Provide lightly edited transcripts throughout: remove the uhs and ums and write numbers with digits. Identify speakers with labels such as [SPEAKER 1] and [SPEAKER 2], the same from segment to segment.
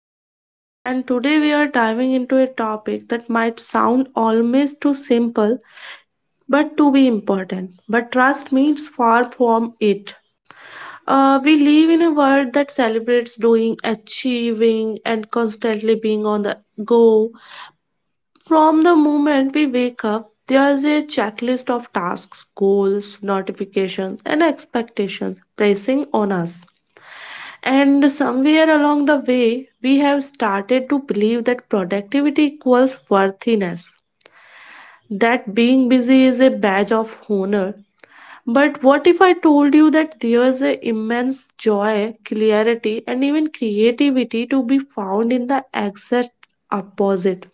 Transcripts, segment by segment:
[SPEAKER 1] Parul, and today we are diving into a topic that might sound almost too simple but to be important. But trust me, it's far from it. We live in a world that celebrates doing, achieving, and constantly being on the go from the moment we wake up, there's a checklist of tasks, goals, notifications, and expectations pressing on us. And somewhere along the way, we have started to believe that productivity equals worthiness, that being busy is a badge of honor. But what if I told you that there's an immense joy, clarity, and even creativity to be found in the exact opposite,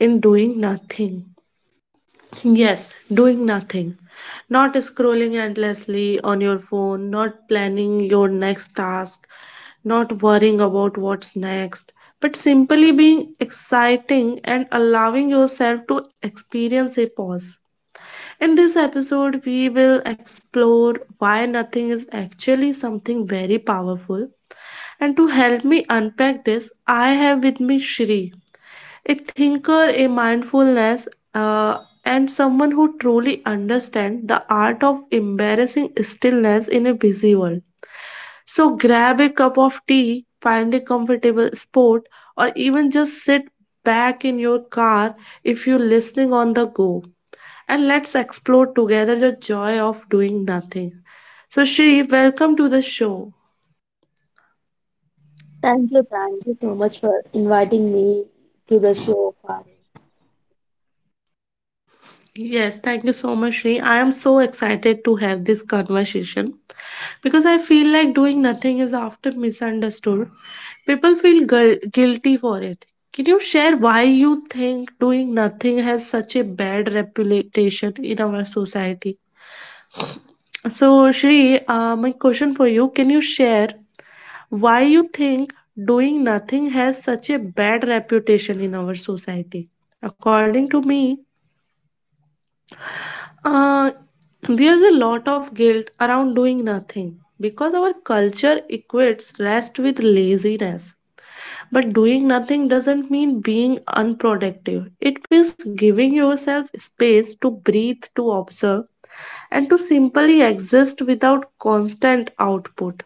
[SPEAKER 1] in doing nothing? Yes, doing nothing. Not scrolling endlessly on your phone, not planning your next task, not worrying about what's next, but simply being exciting and allowing yourself to experience a pause. In this episode, we will explore why nothing is actually something very powerful. And to help me unpack this, I have with me Shri a thinker, a mindfulness, uh, and someone who truly understands the art of embarrassing stillness in a busy world. So grab a cup of tea, find a comfortable spot, or even just sit back in your car if you're listening on the go. And let's explore together the joy of doing nothing. So, Shri, welcome to the show.
[SPEAKER 2] Thank you, so much for inviting me to the show, Farooq.
[SPEAKER 1] Yes, thank you so much, Sri. I am so excited to have this conversation because I feel like doing nothing is often misunderstood. People feel guilty for it. Can you share why you think doing nothing has such a bad reputation in our society? So, Shri, my question for you can you share why you think doing nothing has such a bad reputation in our society? According to me, Uh, there's a lot of guilt around doing nothing because our culture equates rest with laziness. But doing nothing doesn't mean being unproductive. It means giving yourself space to breathe, to observe, and to simply exist without constant output.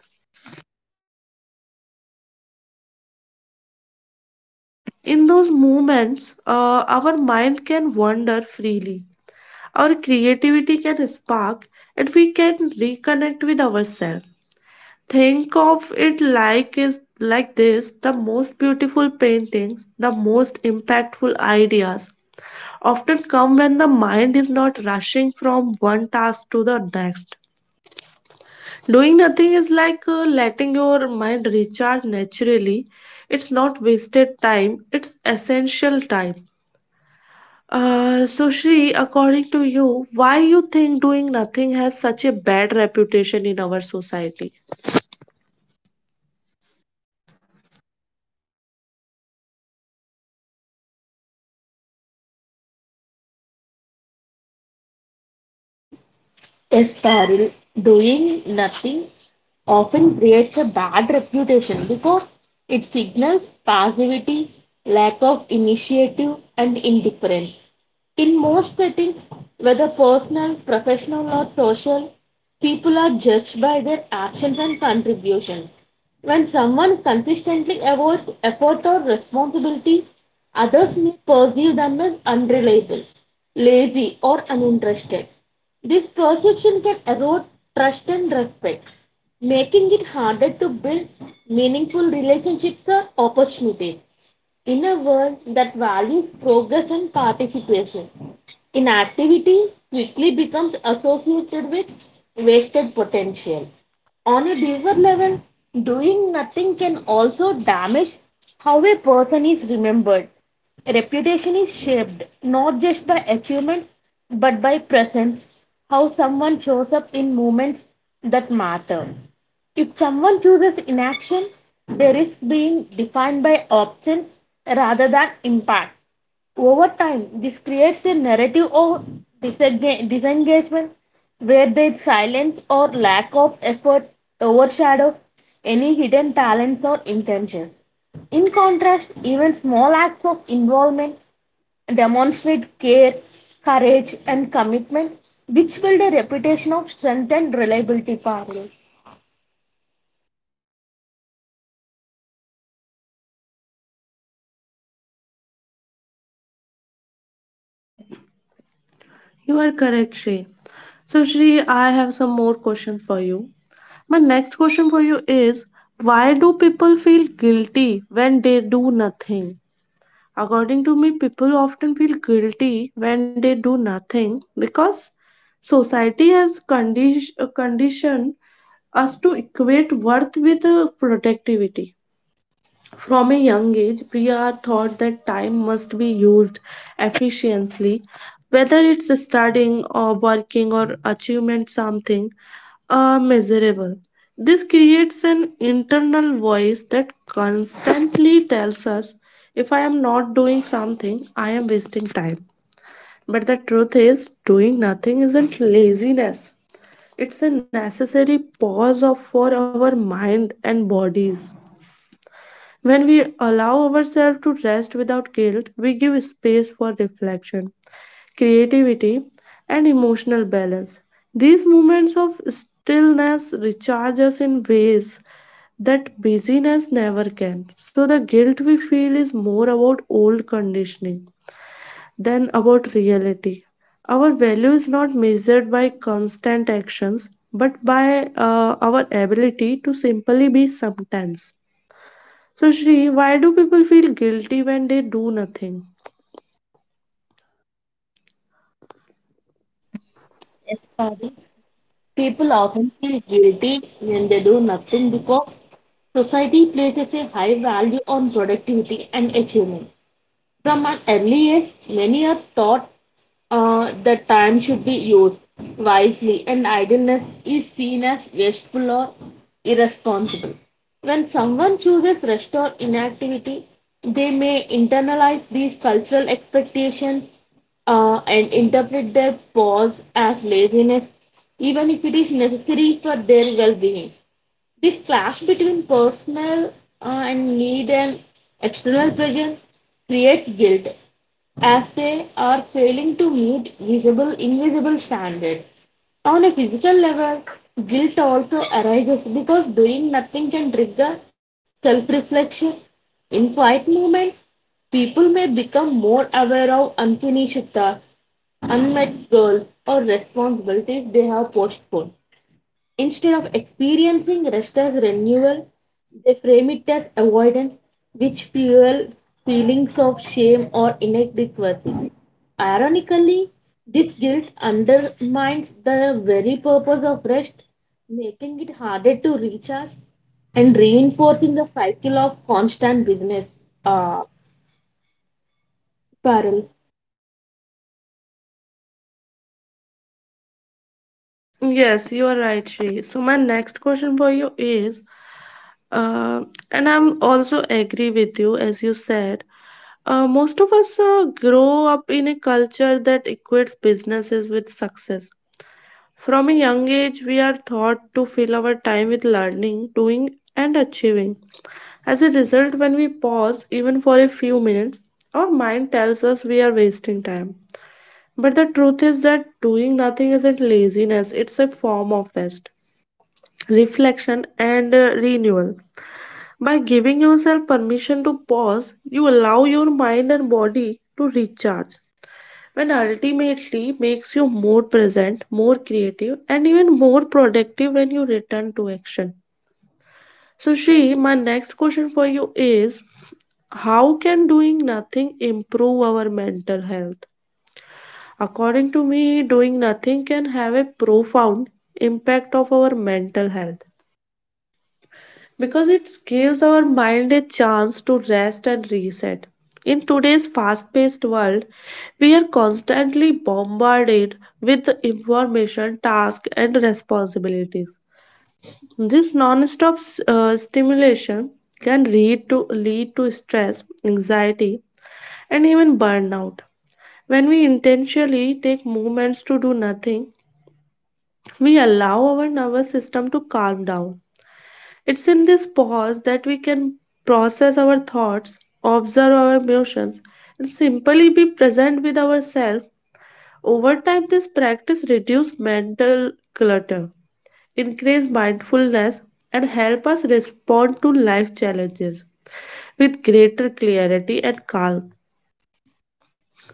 [SPEAKER 1] In those moments, our mind can wander freely, our creativity can spark, and we can reconnect with ourselves. Think of it like is like this the most beautiful paintings, the most impactful ideas often come when the mind is not rushing from one task to the next. Doing nothing is like letting your mind recharge naturally. It's not wasted time, it's essential time. So Shri, according to you, why you think doing nothing has such a bad reputation in our society?
[SPEAKER 2] A spiral doing nothing often creates a bad reputation because it signals passivity, lack of initiative, and indifference. In most settings, whether personal, professional, or social, people are judged by their actions and contributions. When someone consistently avoids effort or responsibility, others may perceive them as unreliable, lazy, or uninterested. This perception can erode trust and respect, making it harder to build meaningful relationships or opportunities in a world that values progress and participation. Inactivity quickly becomes associated with wasted potential. On a deeper level, doing nothing can also damage how a person is remembered. Reputation is shaped not just by achievements but by presence, how someone shows up in moments that matter. If someone chooses inaction, they risk being defined by options rather than impact. Over time, this creates a narrative of disengagement where their silence or lack of effort overshadows any hidden talents or intentions. In contrast, even small acts of involvement demonstrate care, courage, and commitment, which build a reputation of strength and reliability. Parallel.
[SPEAKER 1] You are correct, Shri. So, Shri, I have some more questions for you. My next question for you is why do people feel guilty when they do nothing? According to me, people often feel guilty when they do nothing because society has conditioned us to equate worth with productivity. From a young age, we are taught that time must be used efficiently, whether it's studying or working or achievement something measurable. This creates an internal voice that constantly tells us if I am not doing something, I am wasting time. But the truth is, doing nothing isn't laziness. It's a necessary for our mind and bodies. When we allow ourselves to rest without guilt, we give space for reflection, creativity, and emotional balance. These moments of stillness recharge us in ways that busyness never can. So, the guilt we feel is more about old conditioning than about reality. Our value is not measured by constant actions but by our ability to simply be sometimes. So, Shri, why do people feel guilty when they do nothing?
[SPEAKER 2] Study, people often feel guilty when they do nothing because society places a high value on productivity and achievement. From an earliest, many are taught that time should be used wisely and idleness is seen as wasteful or irresponsible. When someone chooses rest or inactivity, they may internalize these cultural expectations, and interpret their pause as laziness, even if it is necessary for their well being. This clash between personal, and need and external pressure creates guilt as they are failing to meet visible invisible standard. On a physical level, guilt also arises because doing nothing can trigger self-reflection. In quiet moments, people may become more aware of unfinished tasks, unmet goals, or responsibilities they have postponed. Instead of experiencing rest as renewal, they frame it as avoidance, which fuels feelings of shame or inadequacy. Ironically, this guilt undermines the very purpose of rest, making it harder to recharge and reinforcing the cycle of constant business. Parallel.
[SPEAKER 1] Yes, you are right, Shri. So my next question for you is, uh, and I'm also agree with you as you said. Most of us grow up in a culture that equates businesses with success. From a young age, we are taught to fill our time with learning, doing, and achieving. As a result, when we pause, even for a few minutes, our mind tells us we are wasting time. But the truth is that doing nothing isn't laziness, it's a form of rest, reflection, and renewal. By giving yourself permission to pause, you allow your mind and body to recharge, and ultimately makes you more present, more creative, and even more productive when you return to action. So, Shri, my next question for you is how can doing nothing improve our mental health? According to me, doing nothing can have a profound impact of our mental health because it gives our mind a chance to rest and reset. In today's fast-paced world, we are constantly bombarded with the information, tasks, and responsibilities. This stimulation can lead to stress, anxiety, and even burnout. When we intentionally take moments to do nothing, we allow our nervous system to calm down. It's in this pause that we can process our thoughts, observe our emotions, and simply be present with ourselves. Over time, this practice reduces mental clutter, increase mindfulness, and help us respond to life challenges with greater clarity and calm.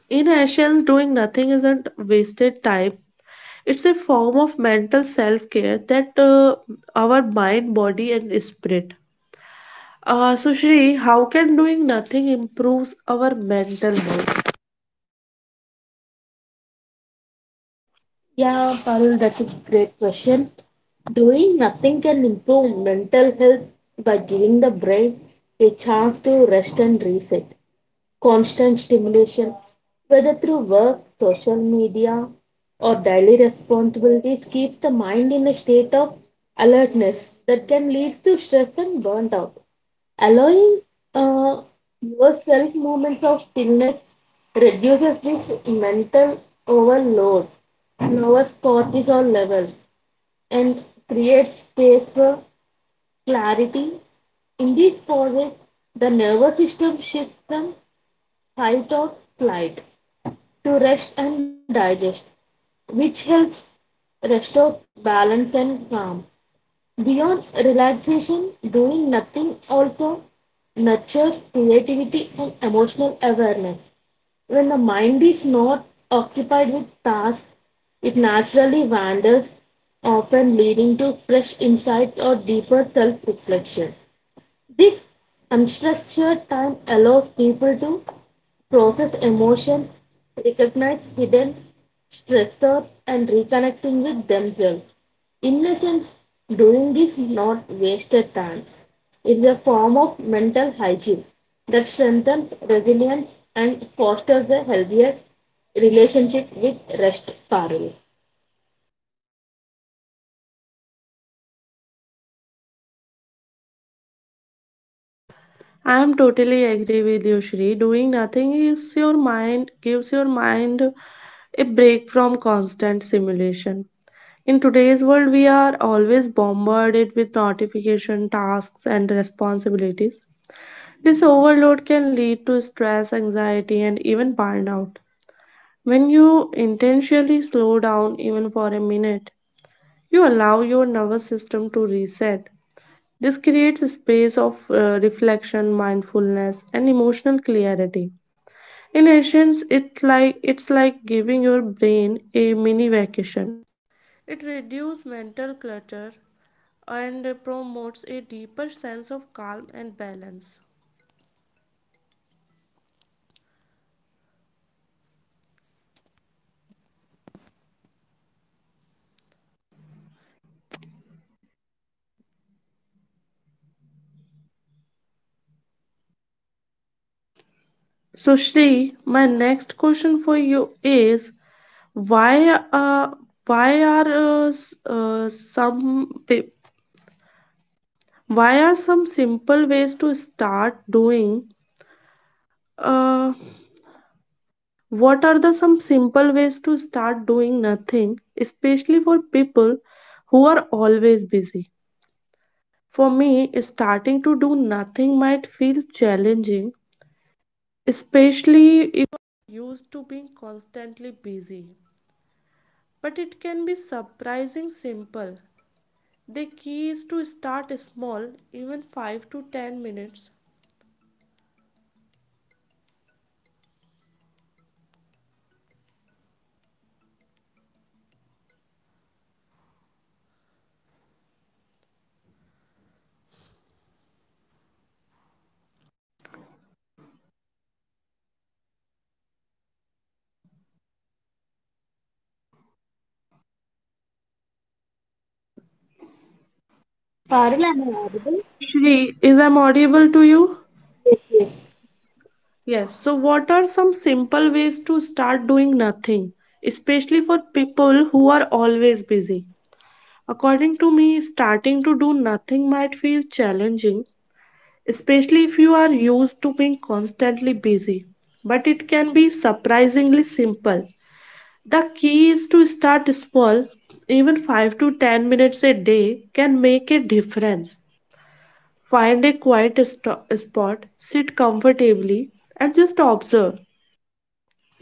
[SPEAKER 1] In Asians, doing nothing isn't wasted time. It's a form of mental self care that our mind, body, and spirit. So, Shri, how can doing nothing improves our mental health?
[SPEAKER 2] Yeah, Parul, that's a great question. Doing nothing can improve mental health by giving the brain a chance to rest and reset constant stimulation, whether through work, social media, or daily responsibilities, keeps the mind in a state of alertness that can lead to stress and burnt out. Allowing uh, yourself moments of stillness reduces this mental overload, lowers cortisol levels, and creates space for clarity. In these pauses, the nervous system shifts from fight or flight to rest and digest, which helps restore balance and calm. Beyond relaxation, doing nothing also nurtures creativity and emotional awareness. When the mind is not occupied with tasks, it naturally wanders, often leading to fresh insights or deeper self reflection. This unstructured time allows people to process emotions, recognize hidden stressors, and reconnecting with themselves. In essence, doing this not wasted time. It's a form of mental hygiene that strengthens resilience and fosters a healthier relationship with rest, Parul.
[SPEAKER 1] I am totally agree with you, Shri. Doing nothing is your mind gives your mind a break from constant simulation. In today's world, we are always bombarded with notification, tasks, and responsibilities. This overload can lead to stress, anxiety, and even burnout. When you intentionally slow down, even for a minute, you allow your nervous system to reset. This creates a space of reflection, mindfulness, and emotional clarity. In essence, it's like. So, Shri, my next question for you is why uh, why are s- some pe- why are some simple ways to start doing uh, what are the some simple ways to start doing nothing, especially for people who are always busy? For me, starting to do nothing might feel challenging.
[SPEAKER 2] Parul, am I audible?
[SPEAKER 1] Shri, is I'm audible to you?
[SPEAKER 2] Yes, yes.
[SPEAKER 1] Yes. So, what are some simple ways to start doing nothing, especially for people who are always busy? According to me, starting to do nothing might feel challenging, especially if you are used to being constantly busy. But it can be surprisingly simple. The key is to start small, even 5 to 10 minutes a day can make a difference. Find a spot, sit comfortably, and just observe.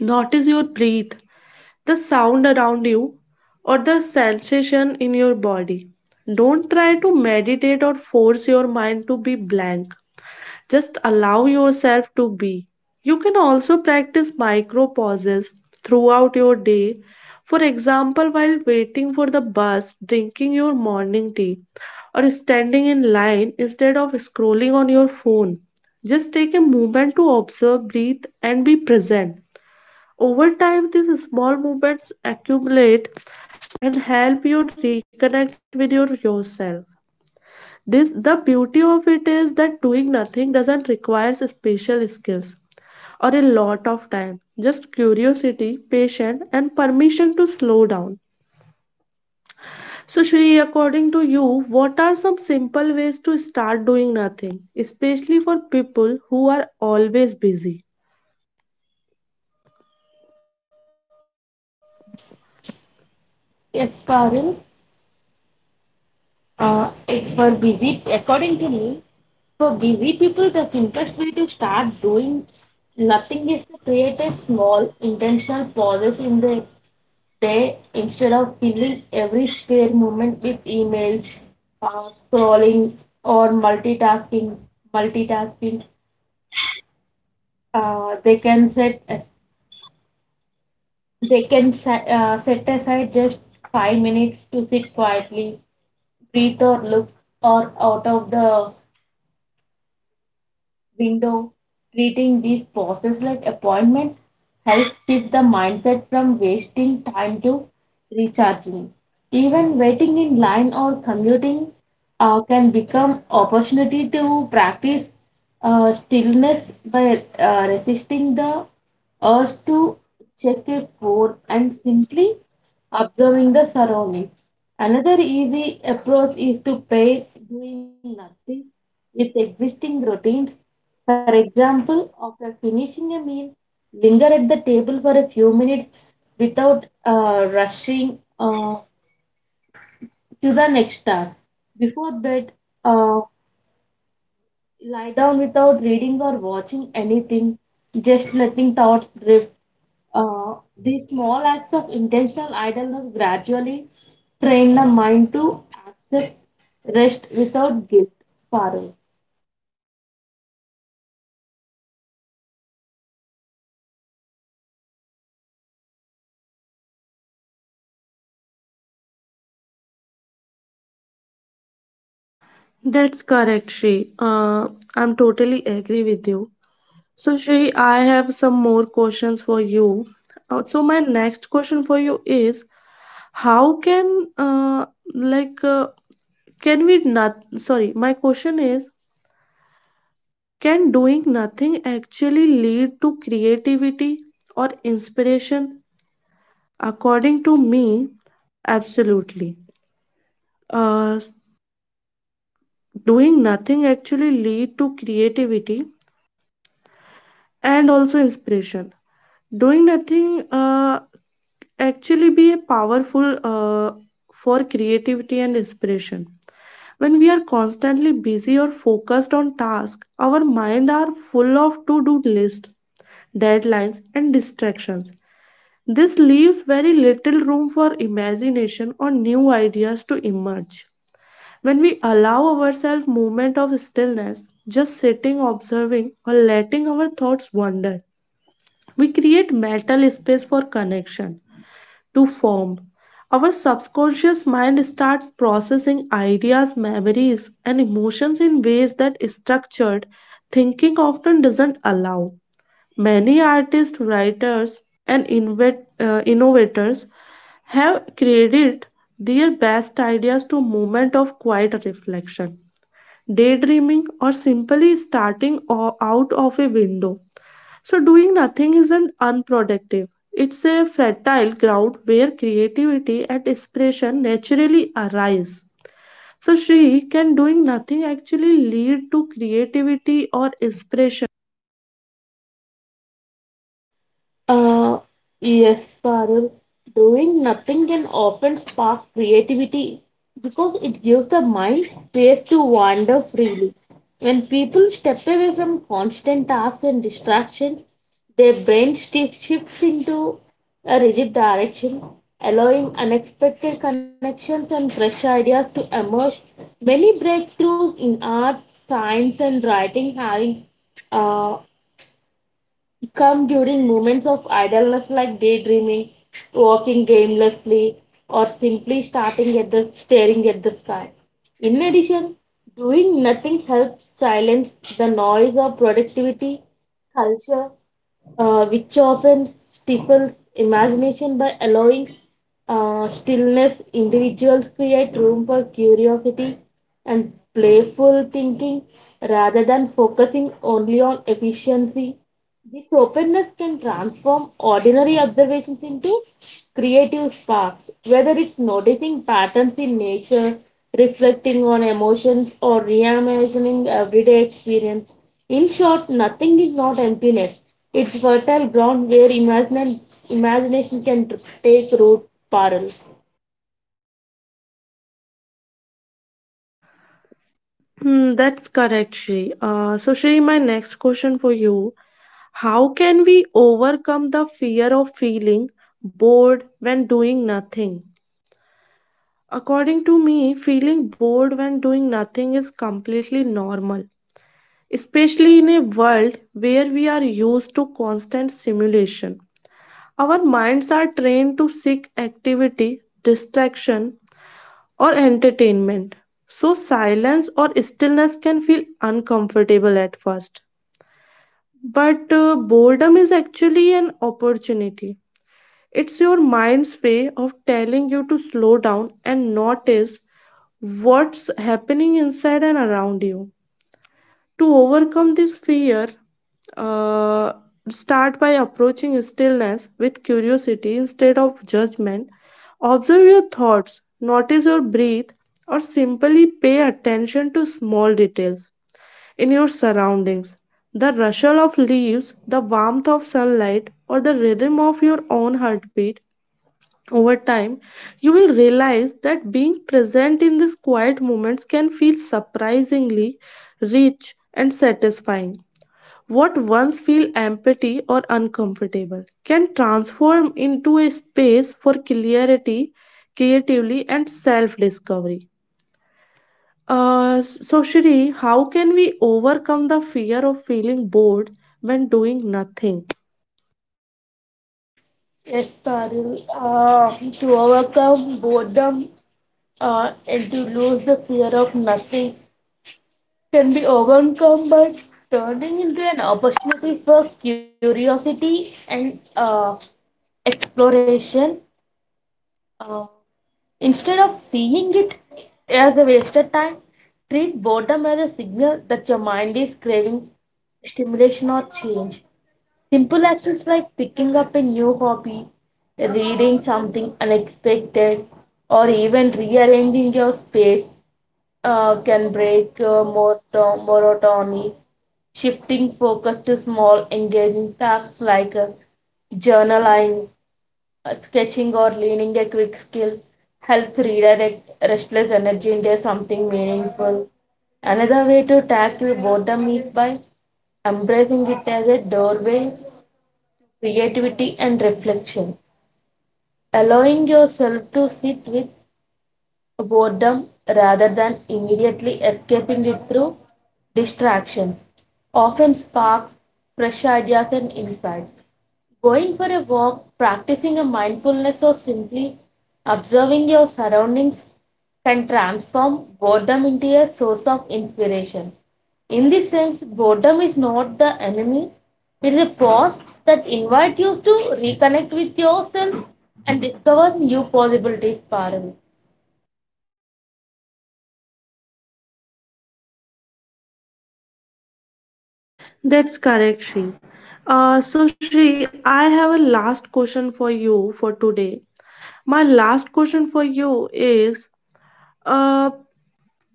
[SPEAKER 1] Notice your breath, the sound around you, or the sensation in your body. Don't try to meditate or force your mind to be blank. Just allow yourself to be. You can also practice micro pauses throughout your day. For example, while waiting for the bus, drinking your morning tea, or standing in line instead of scrolling on your phone. Just take a moment to observe, breathe, and be present. Over time, these small movements accumulate and help you reconnect with yourself. This the beauty of it is that doing nothing doesn't require special skills or a lot of time. Just curiosity, patience, and permission to slow down. So, Shri, according to you, what are some simple ways to start doing nothing, especially for people who are always busy?
[SPEAKER 2] Yes, Parul, it's for busy, according to me, for busy people, the simplest way to start doing nothing is to create a small intentional pauses in the day instead of filling every spare moment with emails, scrolling, or multitasking. Multitasking, uh, they can set they can set aside just 5 minutes to sit quietly breathe or look or out of the window, treating these pauses like appointments helps shift the mindset from wasting time to recharging. Even waiting in line or commuting can become opportunity to practice stillness by resisting the urge to check a phone and simply observing the surrounding. Another easy approach is to pair doing nothing with existing routines for example, after finishing a meal, linger at the table for a few minutes without rushing to the next task. Before bed, uh, lie down without reading or watching anything, just letting thoughts drift. Uh, these small acts of intentional idleness gradually train the mind to accept rest without guilt. Parul.
[SPEAKER 1] That's correct, Shri. I'm totally agree with you. So, Shri, I have some more questions for you. So my next question for you is, how can like can we not? Sorry, my question is, can doing nothing actually lead to creativity or inspiration? According to me, absolutely. Uh, doing nothing actually lead to and also inspiration. Doing nothing actually be a powerful for creativity and inspiration. When we are constantly busy or focused on tasks, our mind are full of to-do lists, deadlines, and distractions. This leaves very little room for imagination or new ideas to emerge. When we allow ourselves moment of stillness, just sitting, observing, or letting our thoughts wander, we create mental space for connection to form. Our subconscious mind starts processing ideas, memories, and emotions in ways that structured thinking often doesn't allow. Many artists, writers, and innovators have created their best ideas to moment of quiet reflection daydreaming, or simply out of a window. So, doing nothing isn't unproductive. It's a fertile ground where creativity and inspiration naturally arise. So, Shri, can doing nothing actually lead to creativity or inspiration?
[SPEAKER 2] Uh, yes, Parul. Doing nothing can often spark creativity because it gives the mind space to wander freely. When people step away from constant tasks and distractions, their shifts into a rigid direction, allowing unexpected connections and fresh ideas to emerge. Many breakthroughs in art, science, and writing having uh, come during moments of idleness like daydreaming, walking aimlessly, or simply starting at the staring at the sky. In addition, doing nothing helps silence the noise of productivity culture, which often stifles imagination by allowing stillness. Individuals create room for curiosity and playful thinking rather than focusing only on efficiency this openness can transform ordinary observations into creative sparks, whether it's noticing patterns in nature, reflecting on emotions, or reimagining everyday experience. In short, nothing is not emptiness. It's fertile ground where imagination can take root, Parul.
[SPEAKER 1] That's correct, Shri. So, Shri, my next question for you: how can we overcome the fear of feeling bored when doing nothing? According to me, feeling bored when doing nothing is completely normal, especially in a world where we are used to constant stimulation. Our minds are trained to seek activity, distraction, or entertainment. So, silence or stillness can feel uncomfortable at first. But boredom is actually an opportunity. It's your mind's way of telling you to slow down and notice what's happening inside and around you. To overcome this fear, uh, start by approaching stillness with curiosity instead of judgment. Observe your thoughts, notice your breath, or simply pay attention to small details in your surroundings. The rustle of leaves, the warmth of sunlight, or the rhythm of your own heartbeat over time, you will realize that being present in these quiet moments can feel surprisingly rich and satisfying. What once feel empty or uncomfortable can transform into a space for clarity, creativity, and self-discovery. So Shri, how can we overcome the fear of feeling bored when doing nothing?
[SPEAKER 2] Yes, Parul. To overcome boredom and to lose the fear of nothing, can be overcome by turning into an opportunity for curiosity and exploration, uh, instead of seeing it as a wasted time, treat boredom as a signal that your mind is craving stimulation or change. Simple actions like picking up a new hobby, reading something unexpected, or even rearranging your space can break monotony. Shifting focus to small engaging tasks like journaling, sketching or leaning a quick skill helps redirect restless energy into something meaningful. Another way to tackle boredom is by embracing it as a doorway to creativity and reflection allowing yourself to sit with boredom rather than immediately escaping it through distractions often sparks fresh ideas and insights. Going for a walk, practicing a mindfulness, or simply observing your surroundings can transform boredom into a source of inspiration. In this sense, boredom is not the enemy. It is a pause that invites you to reconnect with yourself and discover new possibilities. Parul.
[SPEAKER 1] That's correct, Shri. So, Shri, I have a last question for you for today. My last question for you is uh,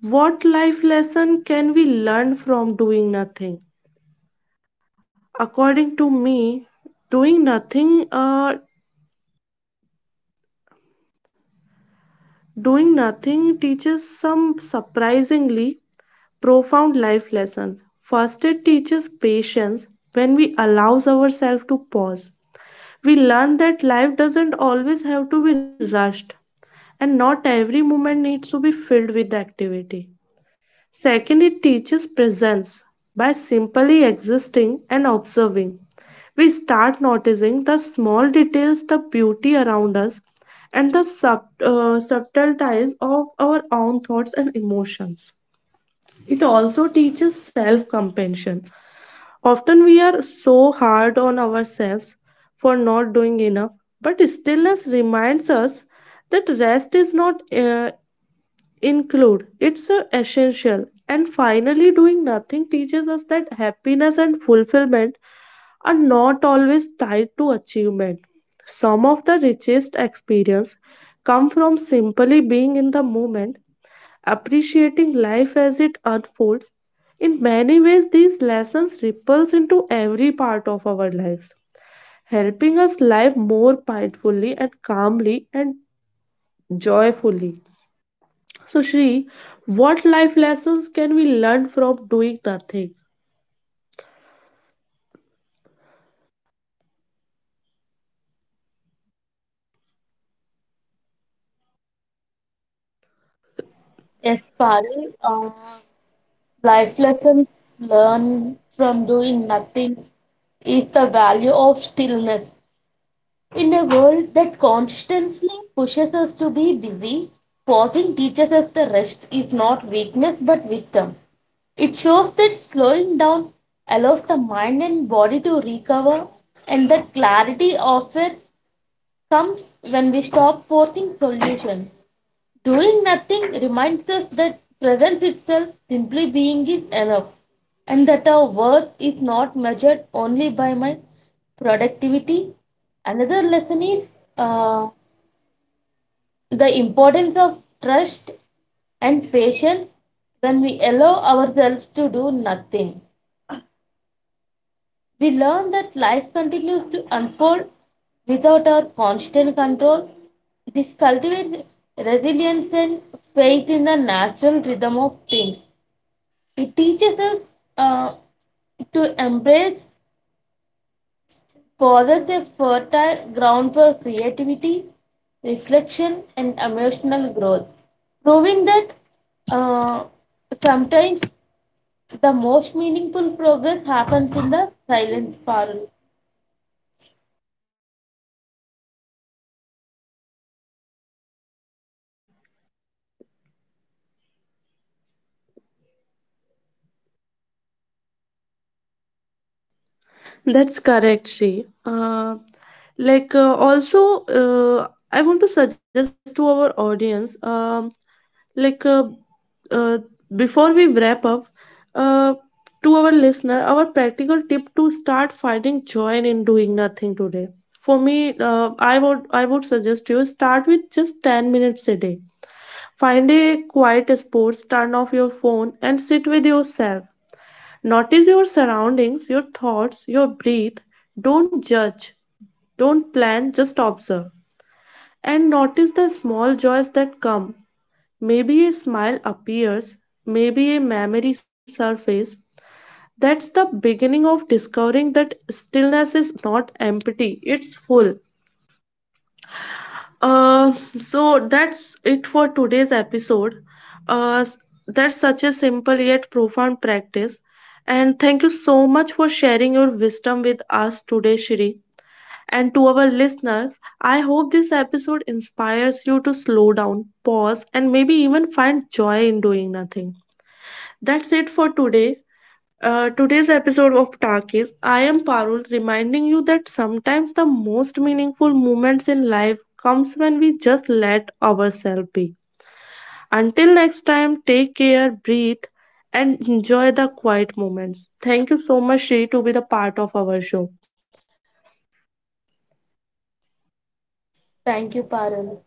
[SPEAKER 1] what life lesson can we learn from doing nothing? According to me, doing nothing, uh, doing nothing teaches some surprisingly profound life lessons. First, it teaches patience when we allows ourselves to pause. We learn that life doesn't always have to be rushed and not every moment needs to be filled with activity. Second, it teaches presence by simply existing and observing. We start noticing the small details, the beauty around us, and the subtleties of our own thoughts and emotions. It also teaches self compassion. Often we are so hard on ourselves for not doing enough, but stillness reminds us that rest is not include, it's essential. And finally, doing nothing teaches us that happiness and fulfillment are not always tied to achievement. Some of the richest experience come from simply being in the moment appreciating life as it unfolds. In many ways, these lessons ripples into every part of our lives, helping us live more mindfully and calmly and joyfully. So, Shri, what life lessons can we learn from doing nothing?
[SPEAKER 2] Yes, Parul, life lessons learned from doing nothing is the value of stillness. In a world that constantly pushes us to be busy, pausing teaches us the rest is not weakness but wisdom. It shows that slowing down allows the mind and body to recover, and that clarity often comes when we stop forcing solutions. Doing nothing reminds us that presence itself, simply being, is enough, and that our worth is not measured only by my productivity. Another lesson is uh, the importance of trust and patience when we allow ourselves to do nothing. We learn that life continues to unfold without our constant control. This cultivates resilience and faith in the natural rhythm of things. It teaches us uh, to embrace poses a fertile ground for creativity, reflection, and emotional growth, proving that uh, sometimes the most meaningful progress happens in the silence, Parul.
[SPEAKER 1] That's correct, Shri. I want to suggest to our audience, like uh, uh, before we wrap up, uh, to our listener, our practical tip to start finding joy in doing nothing today. For me, I would suggest you start with just 10 minutes a day. Find a quiet spot, turn off your phone, and sit with yourself. Notice your surroundings, your thoughts, your breath. Don't judge, don't plan, just observe. And notice the small joys that come. Maybe a smile appears, maybe a memory surfaces. That's the beginning of discovering that stillness is not empty, it's full. Uh, so that's it for today's episode. Uh, s- that's such a simple yet profound practice. And thank you so much for sharing your wisdom with us today, Shri. And to our listeners, I hope this episode inspires you to slow down, pause, and maybe even find joy in doing nothing. That's it today. Today's episode of Talkies, I am Parul reminding you that sometimes the most meaningful moments in life comes when we just let ourselves be. Until next time, take care, breathe, and enjoy the quiet moments. Thank you so much, Shri, to be the part of our show.
[SPEAKER 2] Thank you, Parul.